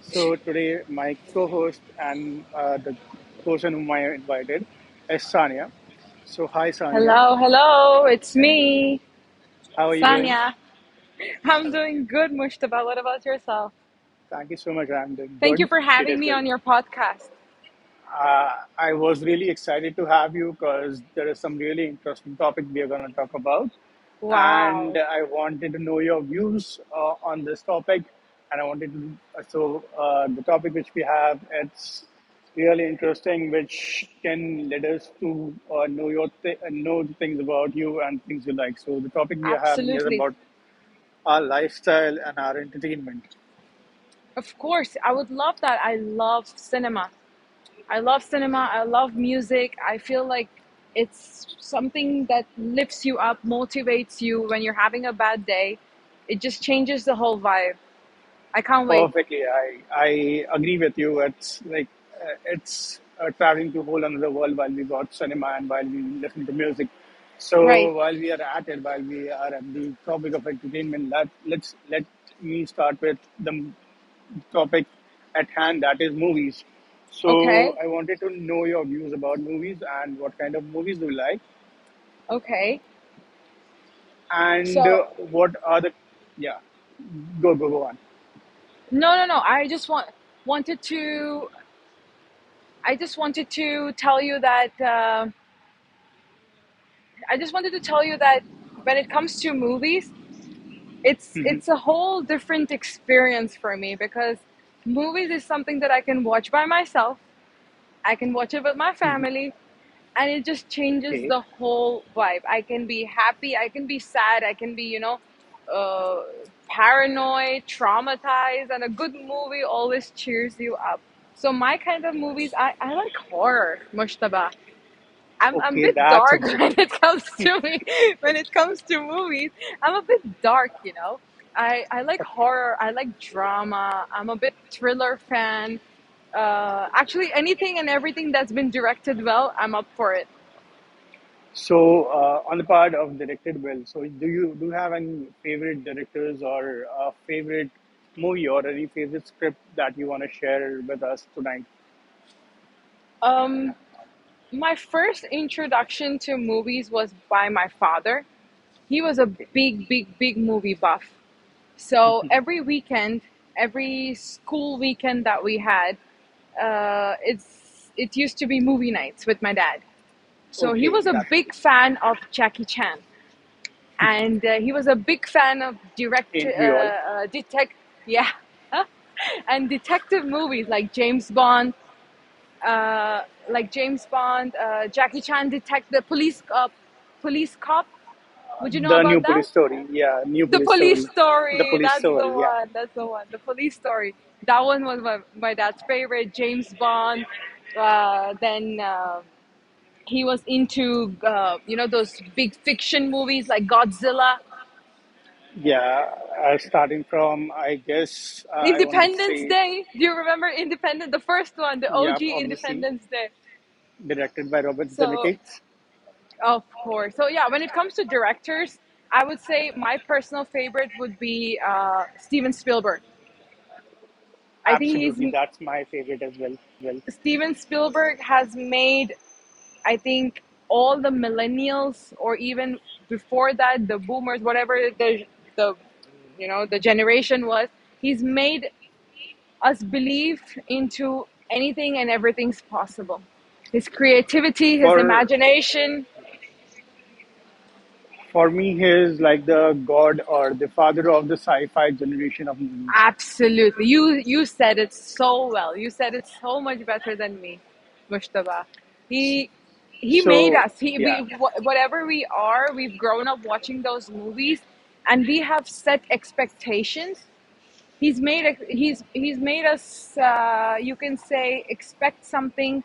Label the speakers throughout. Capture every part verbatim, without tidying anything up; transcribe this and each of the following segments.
Speaker 1: So today, my co-host and uh, the person whom I invited is Sania. So hi, Sania.
Speaker 2: hello, hello, it's me,
Speaker 1: How are you doing?
Speaker 2: Sanya. I'm
Speaker 1: Hello.
Speaker 2: doing good, Mushtaba. What about yourself?
Speaker 1: Thank you so much. I'm doing
Speaker 2: Thank you
Speaker 1: good.
Speaker 2: for
Speaker 1: It
Speaker 2: having
Speaker 1: is
Speaker 2: me
Speaker 1: well.
Speaker 2: on your podcast.
Speaker 1: Uh, I was really excited to have you because there is some really interesting topic we are going to talk about, and
Speaker 2: Wow,
Speaker 1: I wanted to know your views uh, on this topic. And I wanted to, so uh, the topic which we have, it's really interesting, which can lead us to uh, know your th- know the things about you and things you like. So the topic we are having is
Speaker 2: absolutely.
Speaker 1: about our lifestyle and our entertainment.
Speaker 2: Of course, I would love that. I love cinema. I love cinema. I love music. I feel like it's something that lifts you up, motivates you when you're having a bad day. It just changes the whole vibe. I can't wait.
Speaker 1: Perfectly, I I agree with you. It's like uh, it's uh, traveling to a whole another world while we watch cinema and while we listen to music.
Speaker 2: Right.
Speaker 1: So while we are at it, while we are at the topic of entertainment, let let's let me start with the m- topic at hand, that is movies. So
Speaker 2: Okay.
Speaker 1: I wanted to know your views about movies and what kind of movies do you like,
Speaker 2: Okay.
Speaker 1: and
Speaker 2: So
Speaker 1: uh, what are the yeah go go go on.
Speaker 2: no, no, no, I just want wanted to, I just wanted to tell you that, um I just wanted to tell you that when it comes to movies, it's it's a whole different experience for me because movies is something that I can watch by myself. I can watch it with my family, and it just changes
Speaker 1: Okay,
Speaker 2: the whole vibe. I can be happy, I can be sad, I can be, you know, uh, paranoid, traumatized, and a good movie always cheers you up. So my kind of movies, I, I like horror, Mushtaba. I'm, I'm a
Speaker 1: okay,
Speaker 2: bit
Speaker 1: that's
Speaker 2: dark when
Speaker 1: interesting.
Speaker 2: it comes to me, when it comes to movies. I'm a bit dark, you know. I, I like
Speaker 1: Okay.
Speaker 2: horror, I like drama, I'm a bit thriller fan. Uh, actually, anything and everything that's been directed well, I'm up for it.
Speaker 1: So, uh, on the part of directed well, so do you do you have any favorite directors or a favorite movie or any favorite script that you want to share with us tonight?
Speaker 2: Um, my first introduction to movies was by my father. He was a
Speaker 1: Okay.
Speaker 2: big, big, big movie buff. So every weekend, every school weekend that we had, uh, it's it used to be movie nights with my dad. So he
Speaker 1: Okay,
Speaker 2: was a
Speaker 1: that's it.
Speaker 2: big fan of Jackie Chan, and uh, he was a big fan of direct uh,
Speaker 1: Ain't we all?
Speaker 2: uh, detect yeah, and detective movies like James Bond, uh, like James Bond, uh, Jackie Chan, detect the police, uh, police cop. Would you know
Speaker 1: The new
Speaker 2: about that?
Speaker 1: police story. Yeah, new
Speaker 2: The
Speaker 1: police
Speaker 2: police
Speaker 1: story. The
Speaker 2: story.
Speaker 1: police
Speaker 2: That's the
Speaker 1: story. Yeah.
Speaker 2: one. That's the one. The police story. That one was my, my dad's favorite. James Bond. Uh, then um, he was into uh, you know, those big fiction movies like Godzilla.
Speaker 1: Yeah. Uh, starting from, I guess, uh, I want to
Speaker 2: Independence
Speaker 1: say,
Speaker 2: Day. Do you remember Independence? The first one, the
Speaker 1: yeah,
Speaker 2: O G
Speaker 1: obviously,
Speaker 2: Independence Day.
Speaker 1: directed by Robert
Speaker 2: So
Speaker 1: Zemeckis.
Speaker 2: of course. So yeah, when it comes to directors, I would say my personal favorite would be uh, Steven Spielberg. I think
Speaker 1: Absolutely,
Speaker 2: he's
Speaker 1: that's my favorite as well.
Speaker 2: Steven Spielberg has made, I think, all the millennials or even before that, the boomers, whatever the the you know, the generation was, he's made us believe into anything and everything's possible. His creativity, his
Speaker 1: For
Speaker 2: imagination,
Speaker 1: For me, he is like the god or the father of the sci-fi generation of movies.
Speaker 2: absolutely. You you said it so well. You said it so much better than me, Mushtaba. He he made
Speaker 1: So
Speaker 2: us, He we
Speaker 1: yeah,
Speaker 2: wh- whatever we are, we've grown up watching those movies and we have set expectations. He's made ex- he's he's made us, uh, you can say, expect something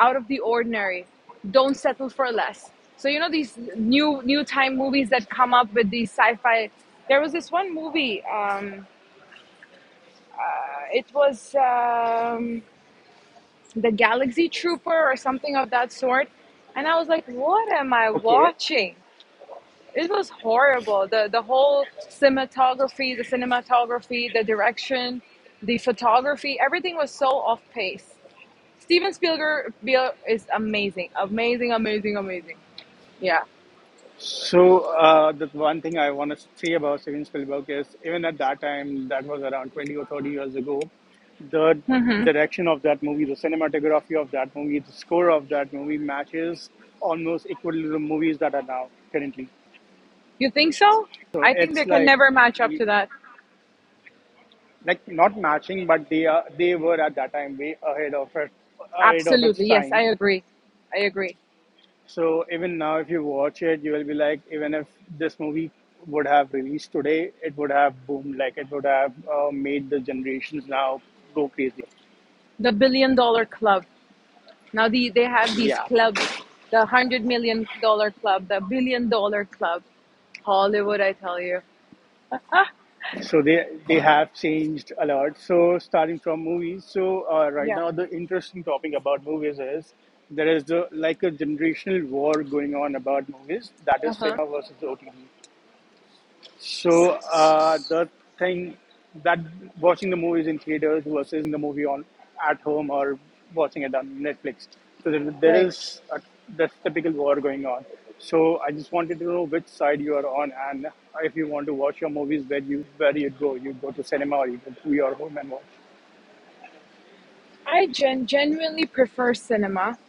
Speaker 2: out of the ordinary. Don't settle for less. So you know, these new new time movies that come up with these sci-fi. There was this one movie, um it was, um, the Galaxy Trooper or something of that sort, and I was like, "What am I
Speaker 1: okay.
Speaker 2: watching?" It was horrible. the The whole cinematography, the cinematography, the direction, the photography, everything was so off pace. Steven Spielberg is amazing, amazing, amazing, amazing. Yeah,
Speaker 1: So uh, the one thing I want to say about Steven Spielberg is even at that time, that was around twenty or thirty years ago, the direction of that movie, the cinematography of that movie, the score of that movie matches almost equally the movies that are now currently.
Speaker 2: you think so?
Speaker 1: So
Speaker 2: I think they
Speaker 1: it's
Speaker 2: can
Speaker 1: like
Speaker 2: never match up to that.
Speaker 1: like not matching, but they are they were at that time way ahead of it ahead of its
Speaker 2: Absolutely, yes, I
Speaker 1: time.
Speaker 2: agree. I agree.
Speaker 1: So even now, if you watch it, you will be like, even if this movie would have released today, it would have boomed. Like it would have uh, made the generations now go crazy.
Speaker 2: The Billion Dollar Club. Now the, they have these
Speaker 1: Yeah.
Speaker 2: clubs, the one hundred million dollar club, the billion dollar club, Hollywood. I tell you.
Speaker 1: So they they have changed a lot. So starting from movies. So uh, right
Speaker 2: Yeah,
Speaker 1: now, the interesting topic about movies is there is the, like a generational war going on about movies. That
Speaker 2: uh
Speaker 1: is
Speaker 2: huh,
Speaker 1: cinema versus O T T. So uh, the thing that watching the movies in theaters versus watching the movie on at home or watching it on Netflix. So there, there
Speaker 2: right.
Speaker 1: is a there's typical war going on. So I just wanted to know which side you are on, and if you want to watch your movies, where you where you go, you go to cinema or you go to your home and watch.
Speaker 2: I gen- genuinely prefer cinema.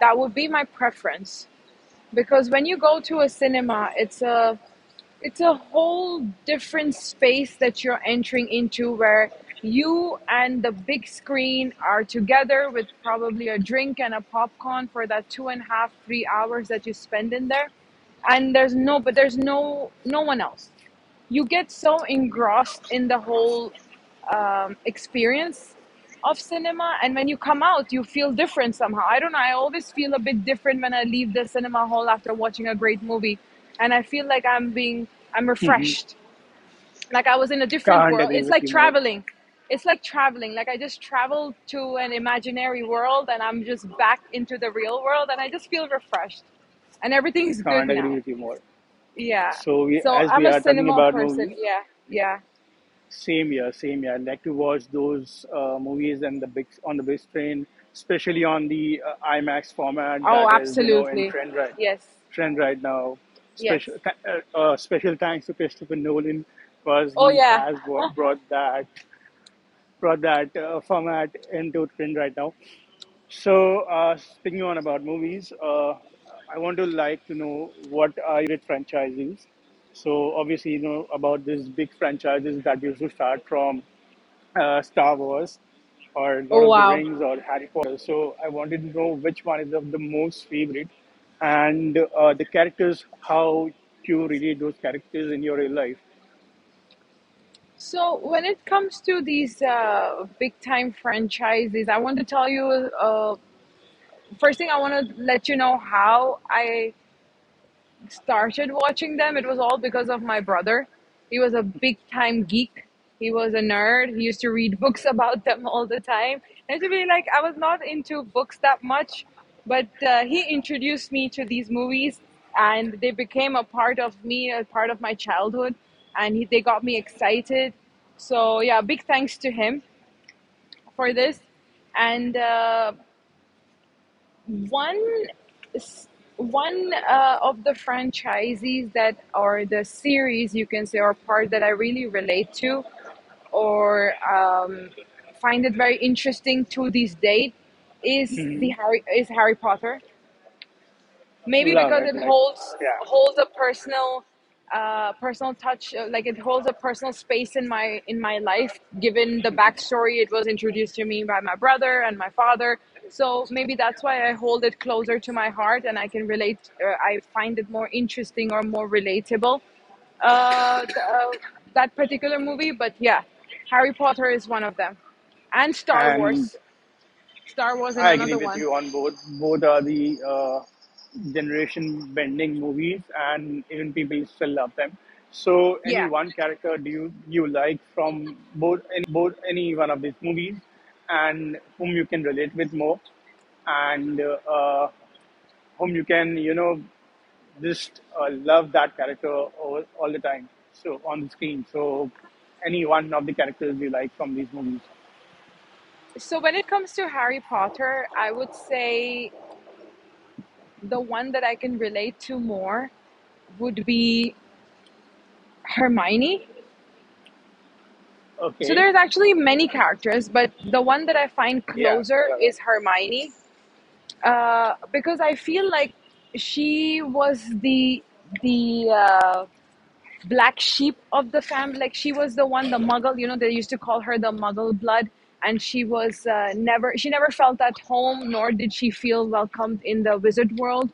Speaker 2: That would be my preference because when you go to a cinema, it's a it's a whole different space that you're entering into, where you and the big screen are together with probably a drink and a popcorn for that two and a half, three hours that you spend in there, and there's no but there's no no one else. You get so engrossed in the whole, um, experience of cinema, and when you come out you feel different somehow. I don't know, I always feel a bit different when I leave the cinema hall after watching a great movie, and I feel like i'm being I'm refreshed, like I was in a different
Speaker 1: Can't
Speaker 2: world.
Speaker 1: agree
Speaker 2: It's
Speaker 1: with
Speaker 2: like
Speaker 1: you more.
Speaker 2: traveling, it's like traveling, like I just traveled to an imaginary world and I'm just back into the real world and I just feel refreshed and everything's good
Speaker 1: Can't agree
Speaker 2: now.
Speaker 1: with you more.
Speaker 2: Yeah,
Speaker 1: So we,
Speaker 2: so
Speaker 1: as we
Speaker 2: I'm a
Speaker 1: are talking
Speaker 2: cinema
Speaker 1: about
Speaker 2: person.
Speaker 1: movies,
Speaker 2: Yeah, yeah.
Speaker 1: same year, same year. I like to watch those uh, movies and the big on the big screen, especially on the uh, IMAX format
Speaker 2: Oh,
Speaker 1: that is, you know, in
Speaker 2: absolutely.
Speaker 1: trend right
Speaker 2: Yes,
Speaker 1: trend right now.
Speaker 2: yes.
Speaker 1: Special th- uh, uh, special thanks to Christopher Nolan because
Speaker 2: Oh,
Speaker 1: he
Speaker 2: yeah.
Speaker 1: has bro- brought that brought that uh, format into trend right now. So, uh, speaking on about movies, uh, I want to like to know what are your favorite franchises. So, obviously, you know about these big franchises that used to start from uh, Star Wars or Lord
Speaker 2: Oh,
Speaker 1: of the
Speaker 2: wow.
Speaker 1: Rings or Harry Potter. So, I wanted to know which one is of the most favorite and uh, the characters, how you relate those characters in your real life.
Speaker 2: So, when it comes to these uh, big time franchises, I want to tell you, uh, first thing, I want to let you know how I started watching them. It was all because of my brother. He was a big time geek. He was a nerd. He used to read books about them all the time. And to be like, I was not into books that much, but uh, he introduced me to these movies and they became a part of me, a part of my childhood. And he, they got me excited. So, yeah, big thanks to him for this. And uh, one s- one uh, of the franchisees that are the series, you can say, or part, that I really relate to, or um, find it very interesting to this date, is the Harry is Harry Potter, maybe
Speaker 1: Love
Speaker 2: because
Speaker 1: it,
Speaker 2: it
Speaker 1: like,
Speaker 2: holds holds
Speaker 1: yeah.
Speaker 2: a personal, uh personal touch, uh, like it holds a personal space in my in my life, given the backstory, it was introduced to me by my brother and my father, so maybe that's why I hold it closer to my heart, and I can relate, uh, I find it more interesting or more relatable, uh, th- uh that particular movie. But yeah, Harry Potter is one of them, and Star
Speaker 1: And
Speaker 2: Wars, Star Wars in
Speaker 1: I agree
Speaker 2: another
Speaker 1: with
Speaker 2: one.
Speaker 1: you on both. Both are the uh, generation bending movies, and even people still love them. So, any
Speaker 2: Yeah.
Speaker 1: one character do you you like from both any one of these movies, and whom you can relate with more, and uh, whom you can you know just uh, love that character all, all the time. So on the screen. So, any one of the characters you like from these movies.
Speaker 2: So when it comes to Harry Potter, I would say the one that I can relate to more would be Hermione. So
Speaker 1: Okay.
Speaker 2: there's actually many characters, but the one that I find
Speaker 1: Yeah.
Speaker 2: closer
Speaker 1: There are other
Speaker 2: is Hermione, uh, because I feel like she was the the uh, black sheep of the family. Like she was the one, the Muggle. You know, they used to call her the Muggle blood, and she was, uh, never she never felt at home, nor did she feel welcomed in the wizard world.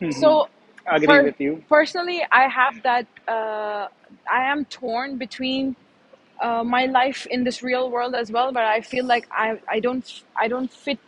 Speaker 1: hmm,
Speaker 2: So
Speaker 1: agree
Speaker 2: per-
Speaker 1: with you,
Speaker 2: personally, I have that, uh, I am torn between, uh, my life in this real world as well, but I feel like i i don't I don't fit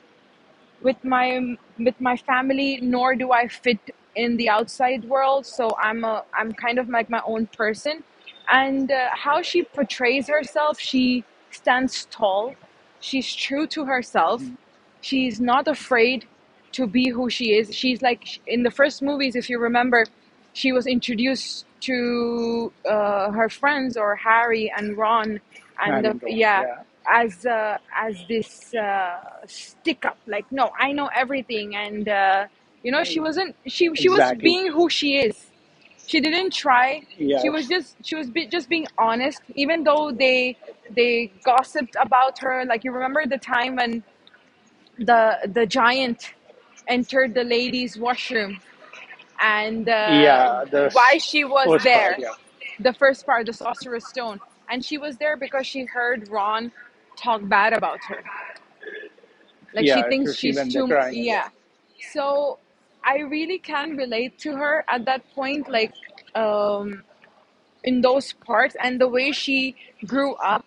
Speaker 2: with my with my family, nor do I fit in the outside world. So I'm a, I'm kind of like my own person, and uh, how she portrays herself, she stands tall, she's true to herself, she's not afraid to be who she is. She's like in the first movies, if you remember, she was introduced to, uh, her friends or Harry and Ron, and
Speaker 1: Harry
Speaker 2: the,
Speaker 1: and
Speaker 2: yeah,
Speaker 1: yeah,
Speaker 2: as, uh, as this, uh, stick up, like, no, I know everything, and uh, you know, she
Speaker 1: eh,
Speaker 2: wasn't she she was
Speaker 1: exactly.
Speaker 2: being who she is. She didn't try, she was
Speaker 1: Yes.
Speaker 2: just, she was be, just being honest, even though they they gossiped about her. Like you remember the time when the the giant entered the ladies' washroom, and uh,
Speaker 1: Yeah, the
Speaker 2: why
Speaker 1: s-
Speaker 2: she was
Speaker 1: first part.
Speaker 2: there,
Speaker 1: Yeah.
Speaker 2: the first part, the Sorcerer's Stone, and she was there because she heard Ron talk bad about her. Like, she
Speaker 1: Yeah,
Speaker 2: thinks
Speaker 1: so she
Speaker 2: she's
Speaker 1: went there
Speaker 2: too,
Speaker 1: crying and yeah.
Speaker 2: yeah. So I really can relate to her at that point, like um, in those parts, and the way she grew up,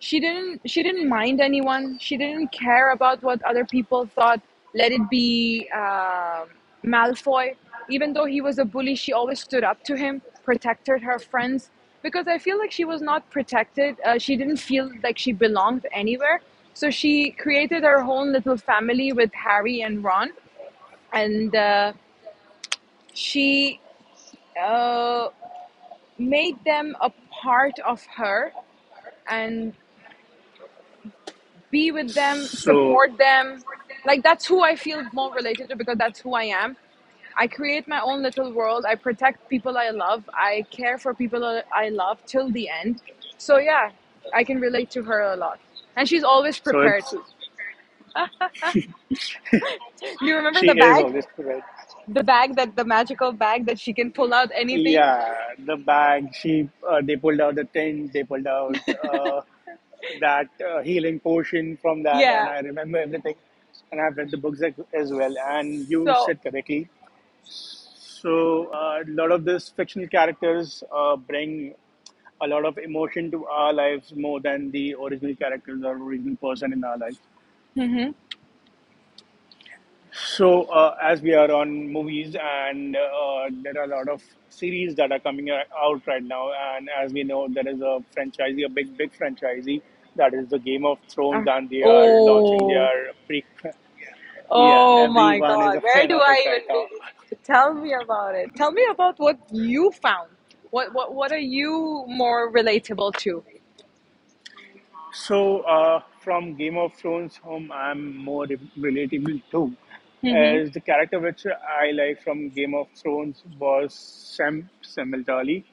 Speaker 2: she didn't she didn't mind anyone, she didn't care about what other people thought, let it be, um Malfoy, even though he was a bully, she always stood up to him, protected her friends, because I feel like she was not protected, uh, she didn't feel like she belonged anywhere, so she created her own little family with Harry and Ron, and uh, she, uh, made them a part of her and be with them,
Speaker 1: So,
Speaker 2: support them. Like, that's who I feel more related to, because that's who I am. I create my own little world. I protect people I love. I care for people I love till the end. So yeah, I can relate to her a lot. And she's always
Speaker 1: so
Speaker 2: prepared.
Speaker 1: it's
Speaker 2: You remember
Speaker 1: she
Speaker 2: the
Speaker 1: is
Speaker 2: bag?
Speaker 1: always correct.
Speaker 2: The bag that the magical bag that she can pull out anything?
Speaker 1: Yeah, the bag. She uh, they pulled out the tent. They pulled out uh, that uh, healing potion from that, and
Speaker 2: Yeah.
Speaker 1: I remember everything. And I've read the books as as well. And you
Speaker 2: So,
Speaker 1: said correctly. So uh, a lot of these fictional characters uh, bring a lot of emotion to our lives more than the original characters or original person in our life.
Speaker 2: mhm.
Speaker 1: So uh, as we are on movies and uh, there are a lot of series that are coming a- out right now, and as we know, there is a franchisee, a big big franchisee that is the Game of Thrones,
Speaker 2: Uh,
Speaker 1: and they are launching
Speaker 2: oh.
Speaker 1: their pre. Yeah,
Speaker 2: Oh my
Speaker 1: everyone is
Speaker 2: God,
Speaker 1: a
Speaker 2: where
Speaker 1: fan
Speaker 2: do
Speaker 1: of it
Speaker 2: I
Speaker 1: right
Speaker 2: even
Speaker 1: now.
Speaker 2: begin? So tell me about it. Tell me about what you found. What what what are you more relatable to?
Speaker 1: So, uh, from Game of Thrones, whom I'm more re- relatable to,
Speaker 2: Hmm,
Speaker 1: as the character which I like from Game of Thrones was Sam Samuel Tarly.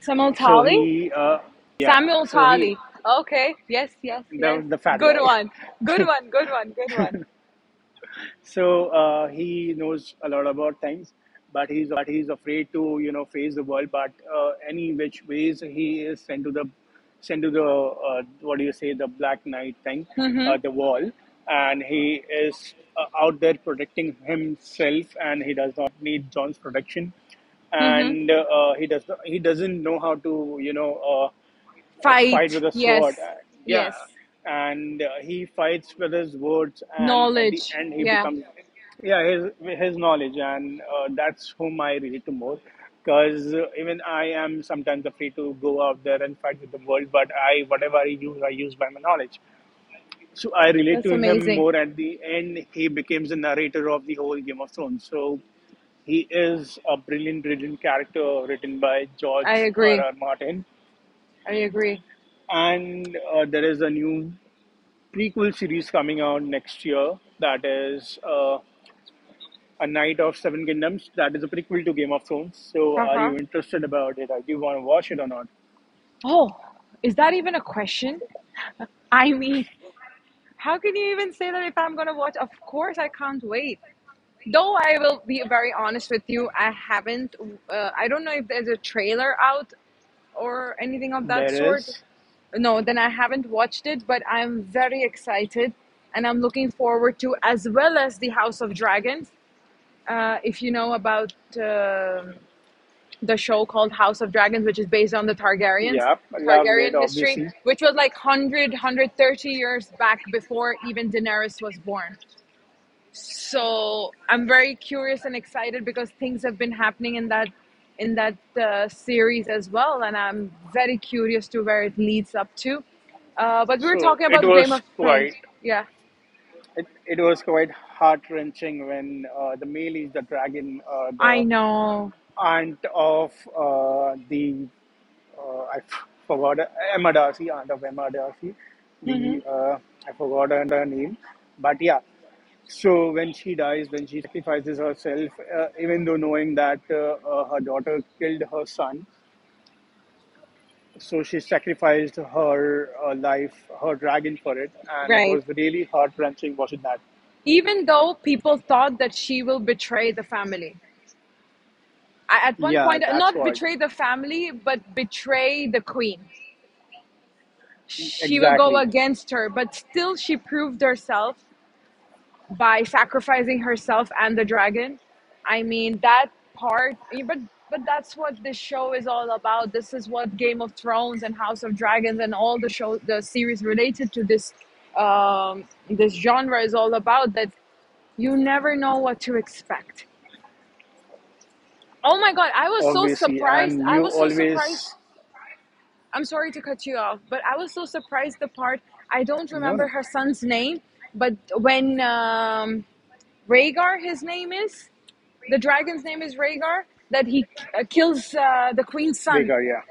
Speaker 2: Samuel
Speaker 1: So
Speaker 2: Tali?
Speaker 1: he, uh, yeah,
Speaker 2: Samuel
Speaker 1: so he,
Speaker 2: Tali. Okay. Yes, yes, yes.
Speaker 1: the the fat
Speaker 2: Good
Speaker 1: guy.
Speaker 2: one. Good one. Good one. Good one.
Speaker 1: So uh, he knows a lot about things but he's afraid to you know face the world but uh, any which ways he is sent to the sent to the uh, what do you say the black knight thing
Speaker 2: Mm-hmm.
Speaker 1: uh, the wall and he is uh, out there protecting himself and he does not need John's protection
Speaker 2: Mm-hmm.
Speaker 1: and uh, he does not, he doesn't know how to you know uh, a fight
Speaker 2: Fight.
Speaker 1: with a
Speaker 2: Yes.
Speaker 1: sword. And, yeah,
Speaker 2: Yes.
Speaker 1: and uh, he fights with his words, and at the
Speaker 2: Knowledge.
Speaker 1: end he
Speaker 2: Yeah.
Speaker 1: becomes, yeah, his his knowledge, and uh, that's whom I relate to more. Because uh, even I am sometimes afraid to go out there and fight with the world, but I whatever I use, I use by my knowledge. So I relate to
Speaker 2: That's
Speaker 1: him
Speaker 2: amazing.
Speaker 1: more. At the end, he becomes the narrator of the whole Game of Thrones. So he is a brilliant, brilliant character written by
Speaker 2: I
Speaker 1: George R.
Speaker 2: agree.
Speaker 1: R. Martin,
Speaker 2: I agree.
Speaker 1: and uh, there is a new prequel series coming out next year that is uh, a knight of seven kingdoms that is a prequel to Game of Thrones. So are
Speaker 2: Uh-huh.
Speaker 1: you interested about it? Like, do you want to watch it or not?
Speaker 2: Oh, is that even a question? I mean, how can you even say that if I'm going to watch? Of course, I can't wait. Though I will be very honest with you, I haven't. Uh, I don't know if there's a trailer out or anything of that
Speaker 1: There
Speaker 2: sort.
Speaker 1: is
Speaker 2: No, then I haven't watched it, but I'm very excited and I'm looking forward to, as well as the House of Dragons. Uh, if you know about um the show called House of Dragons, which is based on the Targaryens,
Speaker 1: yeah loved it
Speaker 2: Targaryen history,
Speaker 1: obviously
Speaker 2: which was like one hundred, years back before even Daenerys was born. So I'm very curious and excited because things have been happening in that in that uh, series as well, and I'm very curious to where it leads up to. Uh, but we were
Speaker 1: so
Speaker 2: talking
Speaker 1: it
Speaker 2: about Game
Speaker 1: was
Speaker 2: of
Speaker 1: quite
Speaker 2: Thrones. Yeah,
Speaker 1: it, it was quite heart wrenching when uh, the male is the dragon uh, the
Speaker 2: I know.
Speaker 1: aunt of uh, the uh, I f- forgot Emma Darcy, aunt of Emma Darcy.
Speaker 2: Hmm.
Speaker 1: The uh, I forgot her name, but yeah. So when she dies, when she sacrifices herself, uh, even though knowing that uh, uh, her daughter killed her son, so she sacrificed her uh, life, her dragon for it, and it
Speaker 2: Right.
Speaker 1: was really heart wrenching, was it not?
Speaker 2: Even though people thought that she will betray the family, I, at one
Speaker 1: Yeah,
Speaker 2: point,
Speaker 1: that's
Speaker 2: not
Speaker 1: what
Speaker 2: betray the family but betray the queen, she will go
Speaker 1: exactly,
Speaker 2: against her, but still she proved herself by sacrificing herself and the dragon. I mean that part, yeah, but but that's what this show is all about. This is what Game of Thrones and House of Dragons and all the show, the series related to this um, this genre is all about. That you never know what to expect. Oh my God, I was so
Speaker 1: obviously,
Speaker 2: surprised.
Speaker 1: and
Speaker 2: I
Speaker 1: you
Speaker 2: was so
Speaker 1: always
Speaker 2: surprised. I'm sorry to cut you off, but I was so surprised. The part, I don't
Speaker 1: no
Speaker 2: remember
Speaker 1: no,
Speaker 2: her son's name, but when um, Rhaegar, his name is, the dragon's name is Rhaegar. That he uh, kills uh, the queen's son.
Speaker 1: Baker, yeah.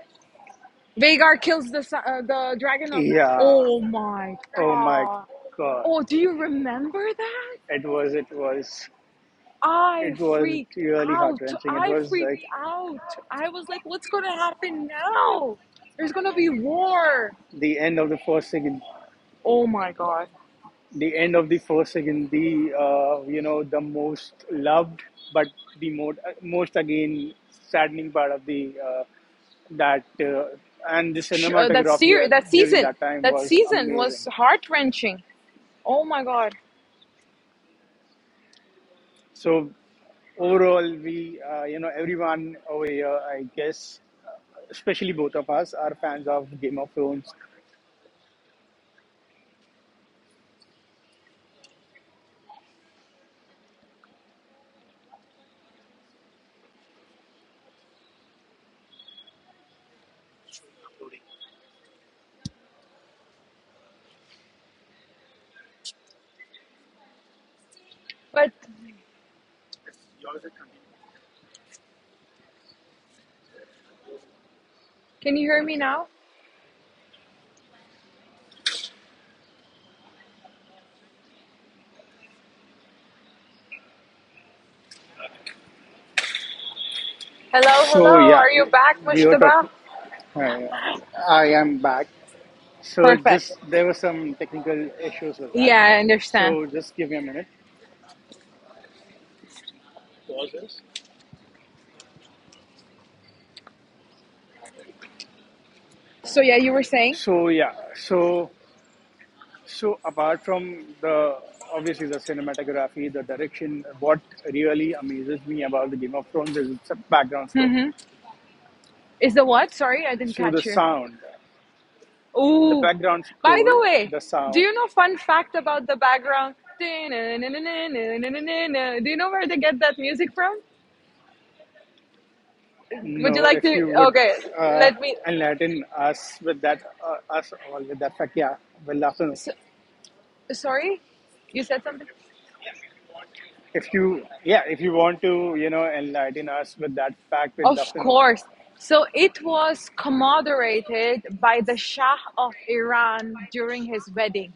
Speaker 2: Rhaegar kills the son, uh, the dragon of.
Speaker 1: Yeah.
Speaker 2: Oh my
Speaker 1: Oh my
Speaker 2: God!
Speaker 1: God.
Speaker 2: Oh, do you remember that?
Speaker 1: It was, it was,
Speaker 2: I
Speaker 1: it was
Speaker 2: freaked
Speaker 1: really heart
Speaker 2: out.
Speaker 1: wrenching. It
Speaker 2: I
Speaker 1: was like
Speaker 2: freaked out. I was like, "What's gonna happen now? There's gonna be war."
Speaker 1: the end of the first second,
Speaker 2: Oh my God!
Speaker 1: the end of the first second, the, uh, you know, the most loved, but the most, most again saddening part of the, uh, that, uh, and the
Speaker 2: Uh, that
Speaker 1: cinematography
Speaker 2: ser-
Speaker 1: at,
Speaker 2: that
Speaker 1: during
Speaker 2: season,
Speaker 1: that time
Speaker 2: that
Speaker 1: was
Speaker 2: season
Speaker 1: amazing.
Speaker 2: was heart wrenching. Oh my God!
Speaker 1: So overall, we, uh, you know, everyone over here, I guess, uh, especially both of us, are fans of Game of Thrones.
Speaker 2: But can you hear me now? Hello,
Speaker 3: So
Speaker 2: hello.
Speaker 3: yeah,
Speaker 2: Are you back,
Speaker 3: we were
Speaker 2: Mushtaba?
Speaker 3: talking. Uh, I am back. So
Speaker 2: Perfect.
Speaker 3: just there were some technical issues with that.
Speaker 2: Yeah, I understand.
Speaker 3: So just give me a minute.
Speaker 2: So yeah, you were saying,
Speaker 3: So yeah, so so apart from the obviously the cinematography, the direction, what really amazes me about the Game of Thrones is it's a background score.
Speaker 2: hmm is the, what? Sorry, I didn't
Speaker 3: So the
Speaker 2: catch you.
Speaker 3: sound, the
Speaker 2: Oh,
Speaker 3: background
Speaker 2: by the
Speaker 3: score,
Speaker 2: way,
Speaker 3: the
Speaker 2: do
Speaker 3: sound.
Speaker 2: you know, fun fact about the background? Do you know where they get that music from? Would you
Speaker 3: No,
Speaker 2: like
Speaker 3: if
Speaker 2: to?
Speaker 3: you would
Speaker 2: Okay,
Speaker 3: uh,
Speaker 2: let me.
Speaker 3: enlighten us with that, uh, us all with that fact, yeah, we'll love to know.
Speaker 2: So, sorry, you said something.
Speaker 3: If you, yeah, if you want to, you know, enlighten us with that fact, we'd love
Speaker 2: Of
Speaker 3: to know.
Speaker 2: course. So it was commemorated by the Shah of Iran during his wedding.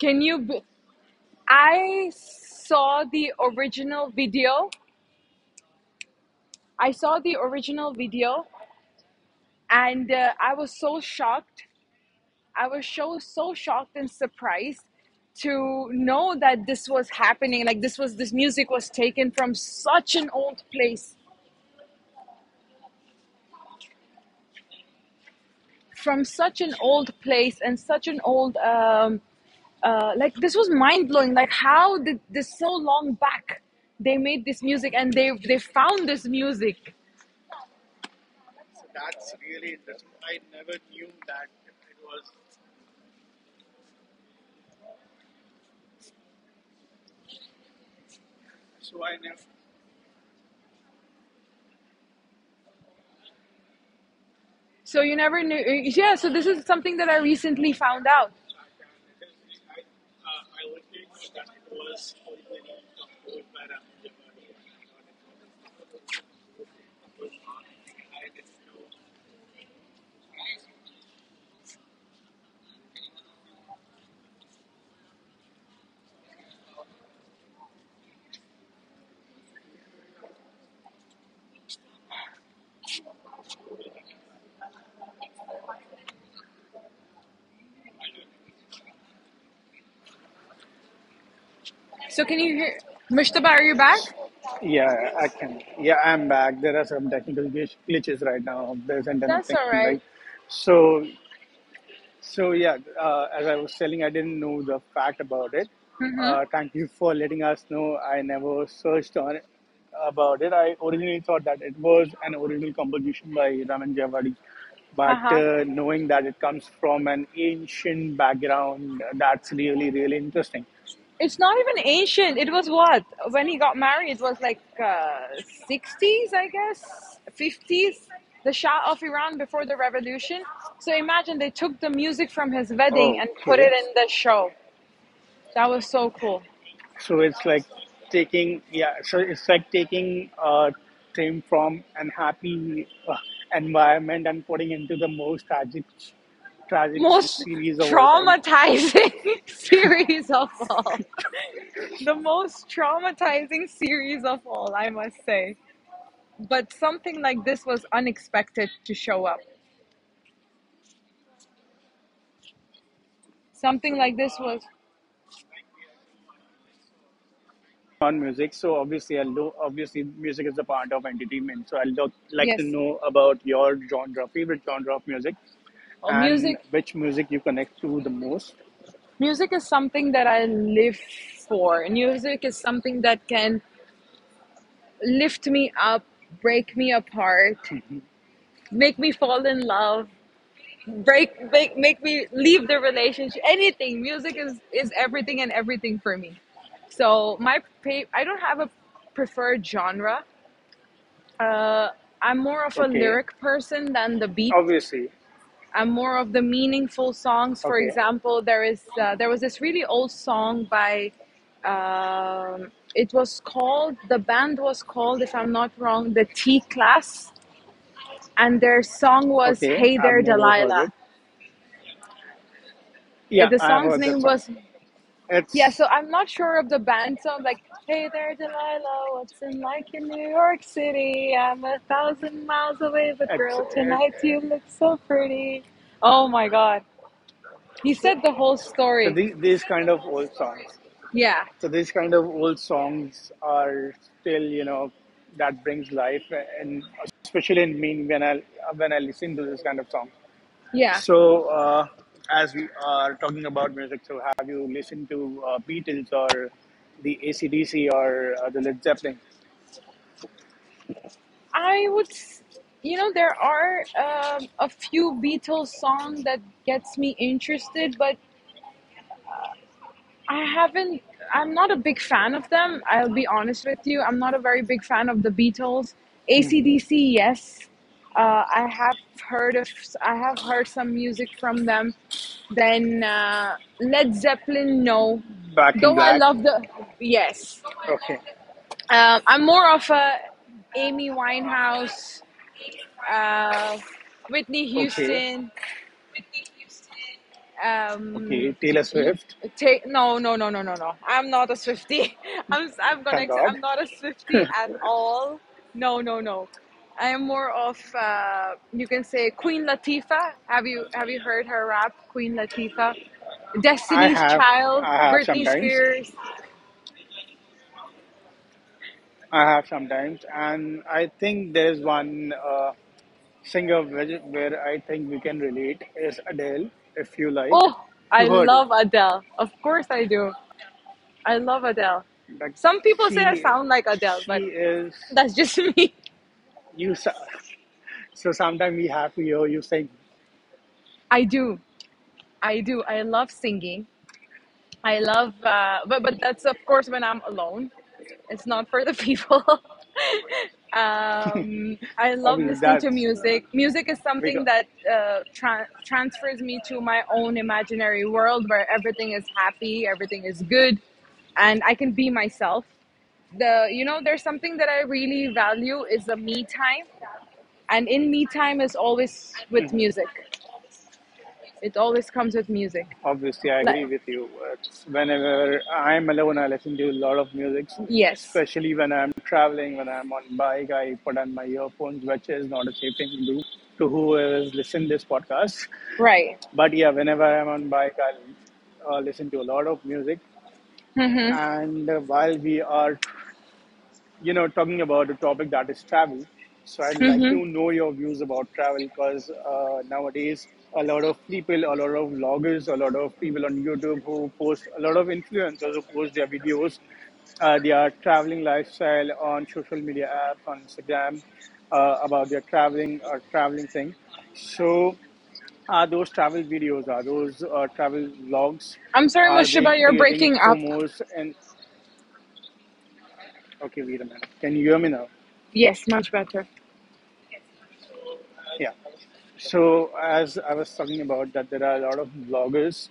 Speaker 2: Can you? b- I saw the original video. I saw the original video and uh, I was so shocked. I was so, so shocked and surprised to know that this was happening. Like this was, this music was taken from such an old place, from such an old place and such an old, um, uh, like this was mind blowing. Like how did this so long back they made this music, and they, they found this music. So you never knew. Yeah, so this is something that I recently found out. So can you hear? Mushtaba, are you back?
Speaker 3: Yeah, I can. Yeah, I'm back. There are some technical glitch, glitches right now. There's internet
Speaker 2: That's
Speaker 3: thing,
Speaker 2: all
Speaker 3: right?
Speaker 2: right.
Speaker 3: So, so yeah. Uh, as I was telling, I didn't know the fact about it. Uh, thank you for letting us know. I never searched on it, about it. I originally thought that it was an original composition by Raman Javadi, but
Speaker 2: Haha.
Speaker 3: uh, knowing that it comes from an ancient background, that's really really interesting.
Speaker 2: It's not even ancient. It was what? When he got married, it was like uh, sixties, I guess, fifties, the Shah of Iran before the revolution. So imagine they took the music from his wedding and put
Speaker 3: Okay.
Speaker 2: it in the show. That was so cool.
Speaker 3: So it's like taking, yeah, so it's like taking a team from an happy uh, environment and putting into the most tragic, tragic
Speaker 2: Most
Speaker 3: series of all time.
Speaker 2: traumatizing series of all. The most traumatizing series of all, I must say. But something like this was unexpected to show up. Something like this was,
Speaker 3: On music, so obviously I know obviously music is a part of entertainment. So I'd lo- like to
Speaker 2: yes.
Speaker 3: know about your genre, favorite genre of music,
Speaker 2: Oh,
Speaker 3: and
Speaker 2: music.
Speaker 3: which music you connect to the most.
Speaker 2: Music is something that I live for. Music is something that can lift me up, break me apart, make me fall in love, break make make me leave the relationship. Anything. Music is is everything and everything for me. So my pa- I don't have a preferred genre. Uh, I'm more of a
Speaker 3: Okay,
Speaker 2: lyric person than the beat.
Speaker 3: obviously.
Speaker 2: I'm more of the meaningful songs. For
Speaker 3: Okay,
Speaker 2: example, there is uh, there was this really old song by. Um, it was called, the band was called, if I'm not wrong, the T Class, and their song was
Speaker 3: okay.
Speaker 2: "Hey
Speaker 3: I've
Speaker 2: There
Speaker 3: never heard
Speaker 2: Delilah."
Speaker 3: it.
Speaker 2: Uh,
Speaker 3: Yeah,
Speaker 2: The
Speaker 3: I
Speaker 2: song's
Speaker 3: heard that
Speaker 2: name
Speaker 3: song.
Speaker 2: was, yeah,
Speaker 3: It's
Speaker 2: so I'm not sure of the band, so I'm like, hey there, Delilah, what's in, like, in New York City? I'm a thousand miles away, but
Speaker 3: it's
Speaker 2: girl,
Speaker 3: it,
Speaker 2: tonight you look so pretty. Oh my God. He
Speaker 3: so,
Speaker 2: said the whole
Speaker 3: so
Speaker 2: story.
Speaker 3: these these kind of old songs.
Speaker 2: Yeah,
Speaker 3: So these kind of old songs are still you know that brings life and especially in me when I when I listen to this kind of songs.
Speaker 2: yeah.
Speaker 3: So, uh, as we are talking about music, so have you listened to uh, Beatles or the A C D C or uh, the Led Zeppelin?
Speaker 2: I would, s- you know, there are um, a few Beatles song that gets me interested, but I haven't. I'm not a big fan of them. I'll be honest with you. I'm not a very big fan of the Beatles.
Speaker 3: Hmm.
Speaker 2: A C D C, yes. Uh, I have heard of. I have heard some music from them. Then uh, Led Zeppelin, no.
Speaker 3: Back in
Speaker 2: Though I
Speaker 3: Black.
Speaker 2: love the, yes.
Speaker 3: Okay.
Speaker 2: Um, I'm more of a Amy Winehouse, uh, Whitney
Speaker 3: Okay.
Speaker 2: Houston.
Speaker 3: Okay.
Speaker 2: um
Speaker 3: Taylor
Speaker 2: you
Speaker 3: Swift.
Speaker 2: take. No, no, no, no, no, no, I'm not a Swiftie. i'm i'm gonna
Speaker 3: Thank
Speaker 2: ex-
Speaker 3: God.
Speaker 2: i'm not a Swiftie at all. No, no, no, I am more of, uh you can say, Queen Latifah. Have you have you heard her rap? Queen Latifah,
Speaker 3: I
Speaker 2: Destiny's
Speaker 3: have.
Speaker 2: Child,
Speaker 3: I have
Speaker 2: Britney
Speaker 3: sometimes.
Speaker 2: Spears.
Speaker 3: I have sometimes, and I think there's one uh, singer where where I think we can relate is Adele. If you like,
Speaker 2: Oh,
Speaker 3: if
Speaker 2: I
Speaker 3: you heard it.
Speaker 2: love Adele. Of course I do. I love Adele.
Speaker 3: Like
Speaker 2: Some people say I
Speaker 3: she,
Speaker 2: sound like Adele,
Speaker 3: she
Speaker 2: but
Speaker 3: is
Speaker 2: that's just me.
Speaker 3: you. s- So sometimes we have to hear you saying,
Speaker 2: I do, I do. I love singing. I love, uh, but but that's of course when I'm alone. It's not for the people. um, I love
Speaker 3: obviously
Speaker 2: listening to
Speaker 3: that's
Speaker 2: music. Music is something
Speaker 3: because
Speaker 2: that uh, tra- transfers me to my own imaginary world where everything is happy, everything is good, and I can be myself. The, you know there's something that I really value is the me time, and in me time is always with music. It always comes with music.
Speaker 3: obviously I agree
Speaker 2: Like,
Speaker 3: with you. It's whenever I'm alone, I listen to a lot of music,
Speaker 2: yes,
Speaker 3: especially when I'm traveling, when I'm on bike, I put on my earphones, which is not a safe thing to do to who is listening this podcast.
Speaker 2: right.
Speaker 3: But yeah, whenever I'm on bike, I'll uh, listen to a lot of music.
Speaker 2: Hmm.
Speaker 3: And uh, while we are you know, talking about a topic that is travel. So I'd like
Speaker 2: Hmm.
Speaker 3: to know your views about travel because uh, nowadays a lot of people, a lot of vloggers, a lot of people on YouTube who post, a lot of influencers who post their videos, uh, their traveling lifestyle on social media apps, on Instagram, uh, about their traveling or traveling thing. So are those travel videos, are those uh, travel vlogs,
Speaker 2: I'm sorry,
Speaker 3: are they
Speaker 2: Moshiba, you're
Speaker 3: creating
Speaker 2: breaking up.
Speaker 3: foamoes? And okay, wait a minute. Can you hear me now?
Speaker 2: Yes, much better.
Speaker 3: Yeah. So as I was talking about that, there are a lot of bloggers,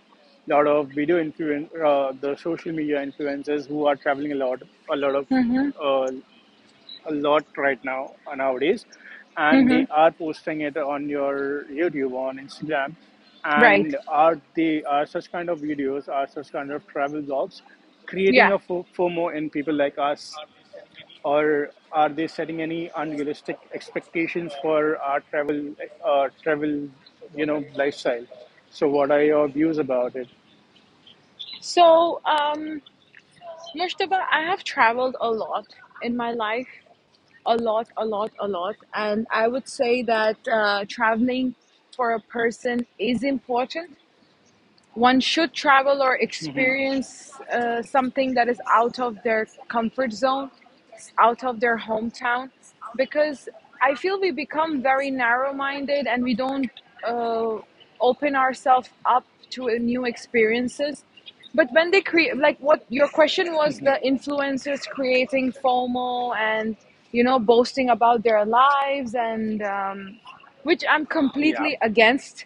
Speaker 3: a lot of video influen uh, the social media influencers who are traveling a lot, a lot of, uh, a lot right now uh, nowadays, and they are posting it on your YouTube, on Instagram,
Speaker 2: Right.
Speaker 3: and are they are such kind of videos, are such kind of travel blogs, creating
Speaker 2: Yeah.
Speaker 3: a fo- foamo in people like us or are they setting any unrealistic expectations for our travel uh, travel you know lifestyle so what are your views about it?
Speaker 2: So, um, Moshiba, I have traveled a lot in my life, a lot, a lot, a lot, and I would say that uh, traveling for a person is important. One should travel or
Speaker 3: Hmm.
Speaker 2: experience uh, something that is out of their comfort zone, out of their hometown, because I feel we become very narrow minded and we don't uh, open ourselves up to uh, new experiences. But when they create, like what your question was, the influencers creating FOMO and, you know, boasting about their lives and, um, which I'm
Speaker 3: Yeah,
Speaker 2: completely against.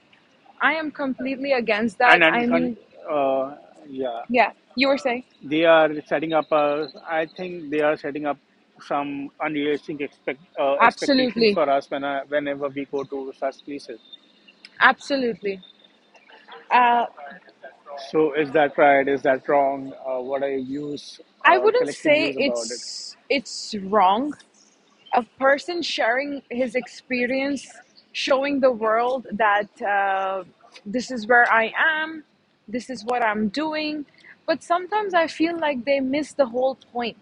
Speaker 2: I am completely against that.
Speaker 3: and
Speaker 2: I
Speaker 3: and con-
Speaker 2: mean,
Speaker 3: uh, yeah
Speaker 2: yeah, you were saying?
Speaker 3: they are setting up a, I think they are setting up some unrealistic expect uh, expectations
Speaker 2: Absolutely.
Speaker 3: for us when I, whenever we go to such places
Speaker 2: Absolutely. Uh,
Speaker 3: so is that right is that wrong uh, what are your views
Speaker 2: I
Speaker 3: uh,
Speaker 2: wouldn't
Speaker 3: collective
Speaker 2: say
Speaker 3: views about it?
Speaker 2: it's it's wrong. A person sharing his experience, showing the world that uh, this is where I am, this is what I'm doing. But sometimes I feel like they miss the whole point.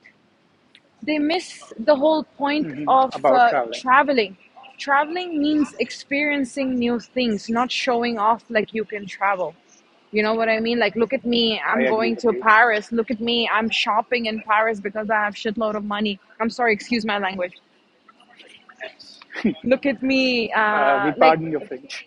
Speaker 2: They miss the whole point
Speaker 3: Hmm.
Speaker 2: of
Speaker 3: About
Speaker 2: uh,
Speaker 3: traveling
Speaker 2: traveling. Traveling means experiencing new things, not showing off like you can travel. You know what I mean? Like, look at me,
Speaker 3: I
Speaker 2: I'm
Speaker 3: agree
Speaker 2: going
Speaker 3: with
Speaker 2: to
Speaker 3: you.
Speaker 2: Paris. Look at me, I'm shopping in Paris because I have shitload of money. I'm sorry, excuse my language. Look at me,
Speaker 3: Uh,
Speaker 2: uh,
Speaker 3: we
Speaker 2: like.
Speaker 3: pardon your French.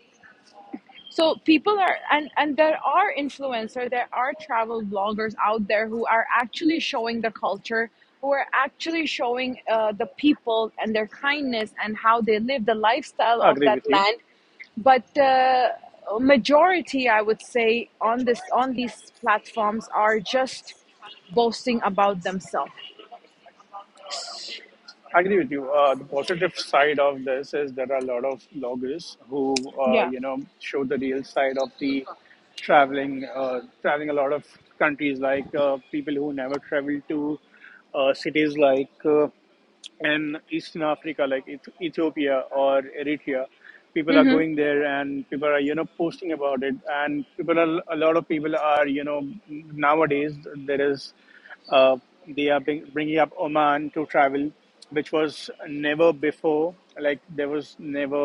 Speaker 2: So people are, and and there are influencers, there are travel bloggers out there who are actually showing the culture, who are actually showing uh, the people and their kindness and how they live the lifestyle
Speaker 3: I
Speaker 2: of
Speaker 3: agree
Speaker 2: that
Speaker 3: with you.
Speaker 2: land, but uh, majority I would say on this, on these platforms are just boasting about themselves.
Speaker 3: I agree with you. Uh, the positive side of this is there are a lot of bloggers who, uh,
Speaker 2: Yeah.
Speaker 3: you know, show the real side of the traveling, uh, traveling a lot of countries like uh, people who never traveled to uh, cities like. Uh, in Eastern Africa, like Ethiopia or Eritrea. People are going there and people are, you know, posting about it. And people are, a lot of people are, you know, nowadays there is, uh, they are bring, bringing up Oman to travel, which was never before. Like there was never,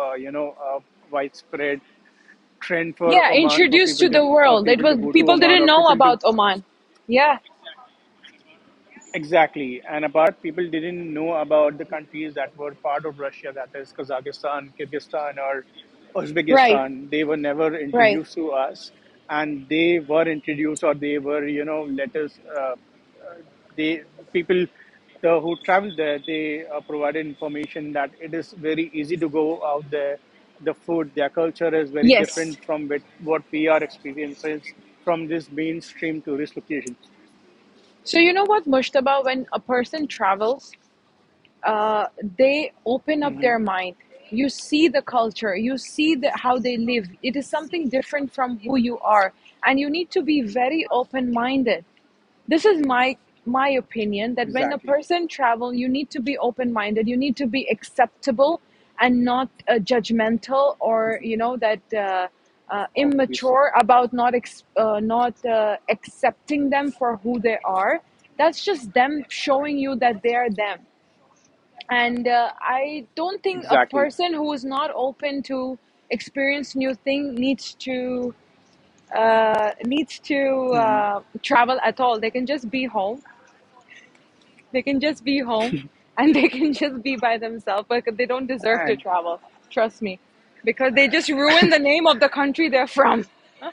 Speaker 3: uh, you know, a widespread trend for
Speaker 2: Yeah.
Speaker 3: Oman for
Speaker 2: Introduced
Speaker 3: people
Speaker 2: to the
Speaker 3: to uh,
Speaker 2: world, it
Speaker 3: people to
Speaker 2: was
Speaker 3: go to
Speaker 2: people
Speaker 3: Oman
Speaker 2: didn't
Speaker 3: or
Speaker 2: know
Speaker 3: people to
Speaker 2: about Oman. Yeah.
Speaker 3: Exactly. And apart from that, people didn't know about the countries that were part of Russia, that is Kazakhstan, Kyrgyzstan, or
Speaker 2: Right,
Speaker 3: Uzbekistan. They were never
Speaker 2: right.
Speaker 3: introduced to us, and they were introduced, or they were, you know, let us. Uh, they people the, who traveled there they uh, provided information that it is very easy to go out there the food their culture is very
Speaker 2: Yes.
Speaker 3: different from what, what we are experiencing from these mainstream tourist locations.
Speaker 2: So you know what, Mushtaba, when a person travels, uh, they open up
Speaker 3: Hmm.
Speaker 2: their mind. You see the culture, you see the, how they live. It is something different from who you are, and you need to be very open minded. This is my my opinion that when a
Speaker 3: Exactly.
Speaker 2: person travels, you need to be open minded. You need to be acceptable and not uh, judgmental or, you know that. Uh, uh,
Speaker 3: Obviously.
Speaker 2: immature about not ex- uh, not uh, accepting them for who they are. That's just them showing you that they are them, and uh, I don't think a
Speaker 3: Exactly.
Speaker 2: person who is not open to experience new thing needs to uh, needs to
Speaker 3: Hmm.
Speaker 2: uh, travel at all. They can just be home. They can just be home and they can just be by themselves, but they don't deserve to
Speaker 3: And
Speaker 2: travel, trust me, because they just ruin the name of the country they're from. Huh?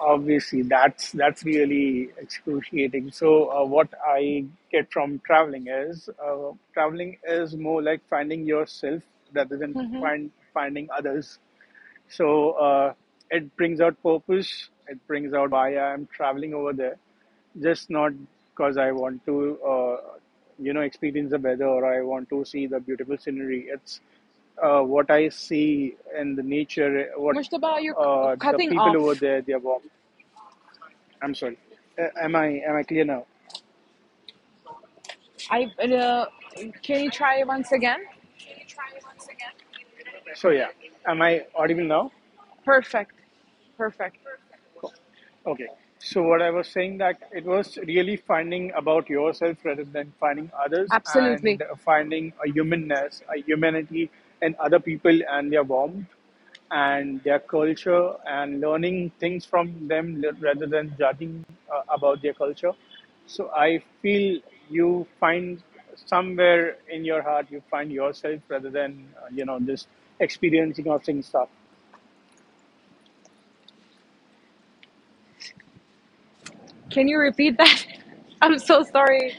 Speaker 3: obviously, that's that's really excruciating. So, uh, what I get from traveling is uh, traveling is more like finding yourself rather than find finding others. So uh, it brings out purpose. It brings out why I'm traveling over there, just not because I want to, uh, you know, experience the weather or I want to see the beautiful scenery. It's uh, what I see in the nature, what
Speaker 2: Mushtaba, you're c-
Speaker 3: uh, the
Speaker 2: cutting
Speaker 3: people over
Speaker 2: off.
Speaker 3: there they are I'm sorry. Uh, am I am I clear now?
Speaker 2: I uh, can you try once again?
Speaker 3: So yeah, am I audible now?
Speaker 2: Perfect. Perfect.
Speaker 3: Okay. So what I was saying that it was really finding about yourself rather than finding others
Speaker 2: Absolutely.
Speaker 3: and finding a humanness, a humanity in other people and their warmth and their culture and learning things from them le- rather than judging uh, about their culture. So I feel you find somewhere in your heart you find yourself rather than uh, you know just experiencing or seeing stuff.
Speaker 2: Can you repeat that? I'm so sorry.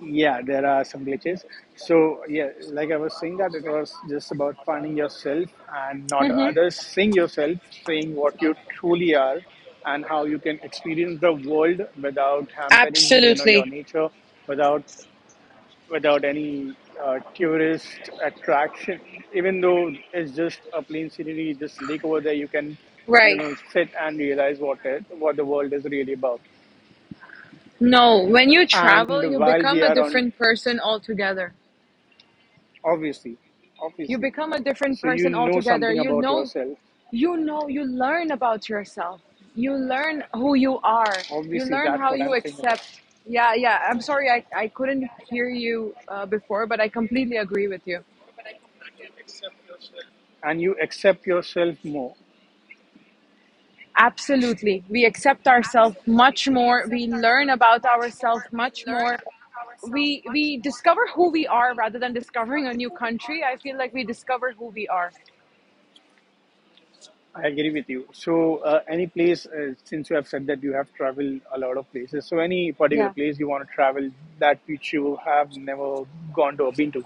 Speaker 3: Yeah, there are some glitches. So, yeah, like I was saying, that it was just about finding yourself and not
Speaker 2: Hmm.
Speaker 3: others, seeing yourself, seeing what you truly are, and how you can experience the world without hampering, you know, your
Speaker 2: Absolutely.
Speaker 3: nature, without without any uh, tourist attraction. Even though it's just a plain scenery, just lake over there, you can, you
Speaker 2: Right.
Speaker 3: know, sit and realize what it, what the world is really about.
Speaker 2: No, when you travel,
Speaker 3: And
Speaker 2: you
Speaker 3: while
Speaker 2: become
Speaker 3: we
Speaker 2: a
Speaker 3: are on
Speaker 2: different person altogether.
Speaker 3: Obviously,
Speaker 2: You
Speaker 3: obviously.
Speaker 2: become a different
Speaker 3: So you
Speaker 2: person
Speaker 3: know
Speaker 2: altogether.
Speaker 3: something
Speaker 2: You
Speaker 3: about
Speaker 2: know,
Speaker 3: yourself.
Speaker 2: you know, you learn about yourself. You learn who you are. You
Speaker 3: Obviously,
Speaker 2: learn
Speaker 3: that's
Speaker 2: how
Speaker 3: what I'm
Speaker 2: you
Speaker 3: thinking about.
Speaker 2: accept. Yeah, yeah. I'm sorry I, I couldn't hear you uh, before, but I completely agree with you.
Speaker 3: And you accept yourself more.
Speaker 2: Absolutely. We accept ourselves much more. We learn about ourselves much more. we we discover who we are rather than discovering a new country. I feel like we discover who we are.
Speaker 3: I agree with you. So, uh, any place, uh, since you have said that you have traveled a lot of places, so any particular
Speaker 2: Yeah.
Speaker 3: place you want to travel that which you have never gone to or been to?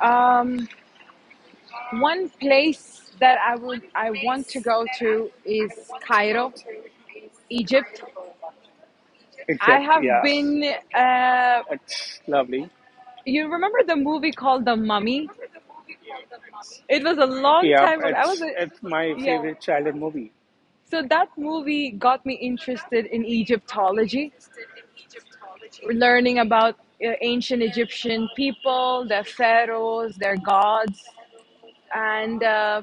Speaker 2: Um, One place that I would
Speaker 3: One
Speaker 2: I want to
Speaker 3: place
Speaker 2: go
Speaker 3: that I
Speaker 2: to
Speaker 3: would, I
Speaker 2: is
Speaker 3: want to go
Speaker 2: Cairo,
Speaker 3: to is
Speaker 2: Egypt.
Speaker 3: Cairo, Egypt.
Speaker 2: I
Speaker 3: Except,
Speaker 2: have
Speaker 3: yeah,
Speaker 2: been. Uh,
Speaker 3: it's lovely.
Speaker 2: you remember the movie called The Mummy? It was a long
Speaker 3: Yeah,
Speaker 2: time ago. I was
Speaker 3: it's
Speaker 2: a,
Speaker 3: it's my
Speaker 2: yeah.
Speaker 3: favorite childhood movie,
Speaker 2: So that movie got me interested in Egyptology, learning about uh, ancient Egyptian people, their pharaohs, their gods. And uh,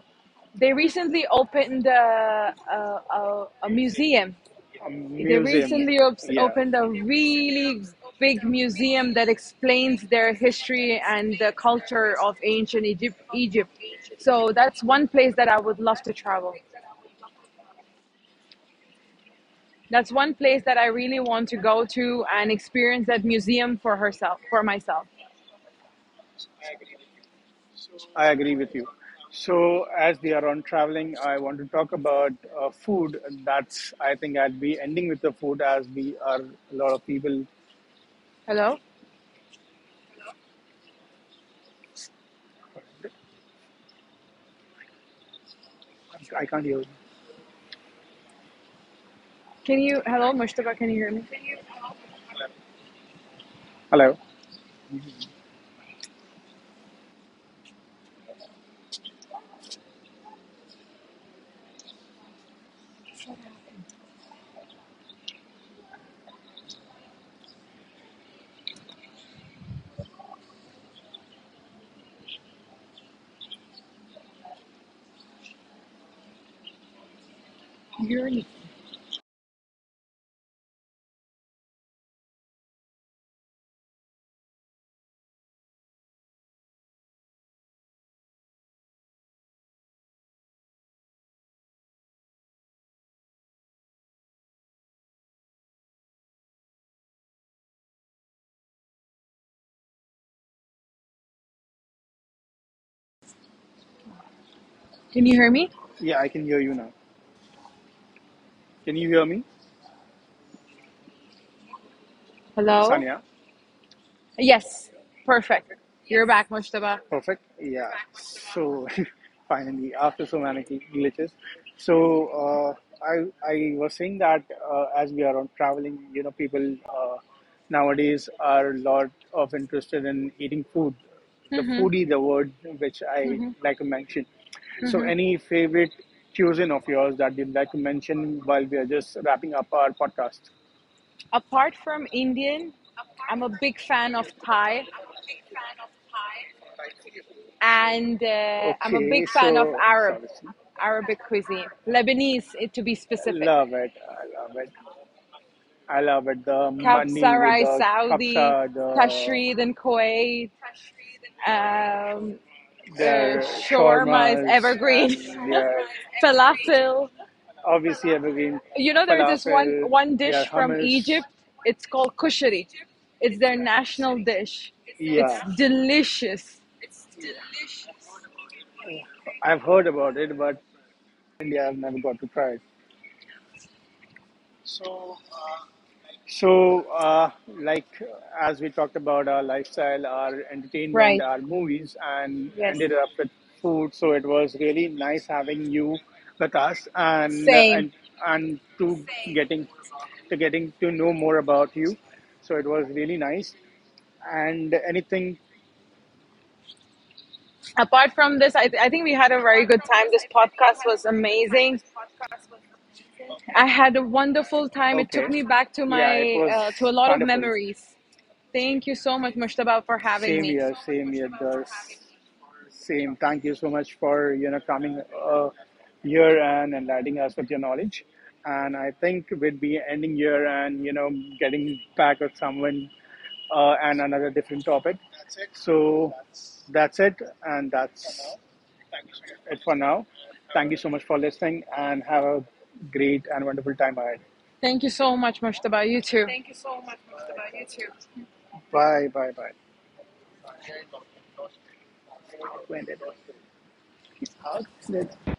Speaker 2: they recently opened a, a, a, a museum.
Speaker 3: a
Speaker 2: They
Speaker 3: museum.
Speaker 2: recently op-
Speaker 3: Yeah,
Speaker 2: opened a really big museum that explains their history and the culture of ancient Egypt. Egypt. So that's one place that I would love to travel. That's one place that I really want to go to and experience that museum for herself, for myself.
Speaker 3: I agree with you. So as we are on traveling, I want to talk about uh, food. That's I think I'd be ending with the food as we are a lot of people.
Speaker 2: Hello?
Speaker 3: I can't hear. You.
Speaker 2: Can you, hello, Mushtaba, can you hear me?
Speaker 3: Hello.
Speaker 2: Can you hear me? Can you hear me?
Speaker 3: Yeah, I can hear you now. Can you hear me,
Speaker 2: Hello?
Speaker 3: Sanya?
Speaker 2: Yes, perfect. You're back, Mushtaba.
Speaker 3: Perfect. Yeah. So finally, after so many glitches, so uh, I I was saying that uh, as we are on traveling, you know, people uh, nowadays are a lot of interested in eating food. The foodie, the word which I like to mention. So, any favorite cuisine of yours that you'd like to mention while we are just wrapping up our podcast?
Speaker 2: Apart from Indian, I'm a big fan of Thai and uh, I'm a
Speaker 3: Okay,
Speaker 2: big fan of
Speaker 3: so
Speaker 2: Arab,
Speaker 3: sorry.
Speaker 2: Arabic cuisine, Lebanese, eh, to be specific.
Speaker 3: Love it. I love it. I love it. The money,
Speaker 2: Kabsa rice,
Speaker 3: the
Speaker 2: Saudi,
Speaker 3: kapsa, the
Speaker 2: Tashrid and Kuwait, um, uh,
Speaker 3: their
Speaker 2: shawarma is
Speaker 3: shawarmas
Speaker 2: evergreen,
Speaker 3: and their
Speaker 2: falafel.
Speaker 3: obviously evergreen
Speaker 2: You know, there's this one
Speaker 3: falafel,
Speaker 2: one
Speaker 3: their
Speaker 2: dish from
Speaker 3: hummus.
Speaker 2: Egypt. It's called kushari. It's their national dish. It's
Speaker 3: Yeah,
Speaker 2: delicious.
Speaker 3: I've heard about it, but India, I've never got to try it. So, uh, like uh, as we talked about our lifestyle, our entertainment,
Speaker 2: Right.
Speaker 3: our movies, and
Speaker 2: Yes.
Speaker 3: ended up with food. So it was really nice having you with us, and
Speaker 2: Same.
Speaker 3: and and to getting to getting to know more about you. So it was really nice. And anything,
Speaker 2: Apart from this, I, I think we had a very good time. This podcast was amazing. I had a wonderful time. It took
Speaker 3: okay,
Speaker 2: me back to
Speaker 3: yeah, it
Speaker 2: my
Speaker 3: was
Speaker 2: uh, to a lot of
Speaker 3: wonderful.
Speaker 2: memories. Thank you so much, Mushtaba, for having
Speaker 3: Same
Speaker 2: me.
Speaker 3: here, same here, The Same. Thank you so much for you know coming uh, here and enlightening us with your knowledge. And I think we'd be ending here and you know getting back with someone uh, and another different topic. So that's it, and that's it for now. Thank you so much for listening, and have a great and wonderful time ahead.
Speaker 2: Thank you so much, Mushtaba. You too.
Speaker 3: Bye, bye, bye. When did it? How did it?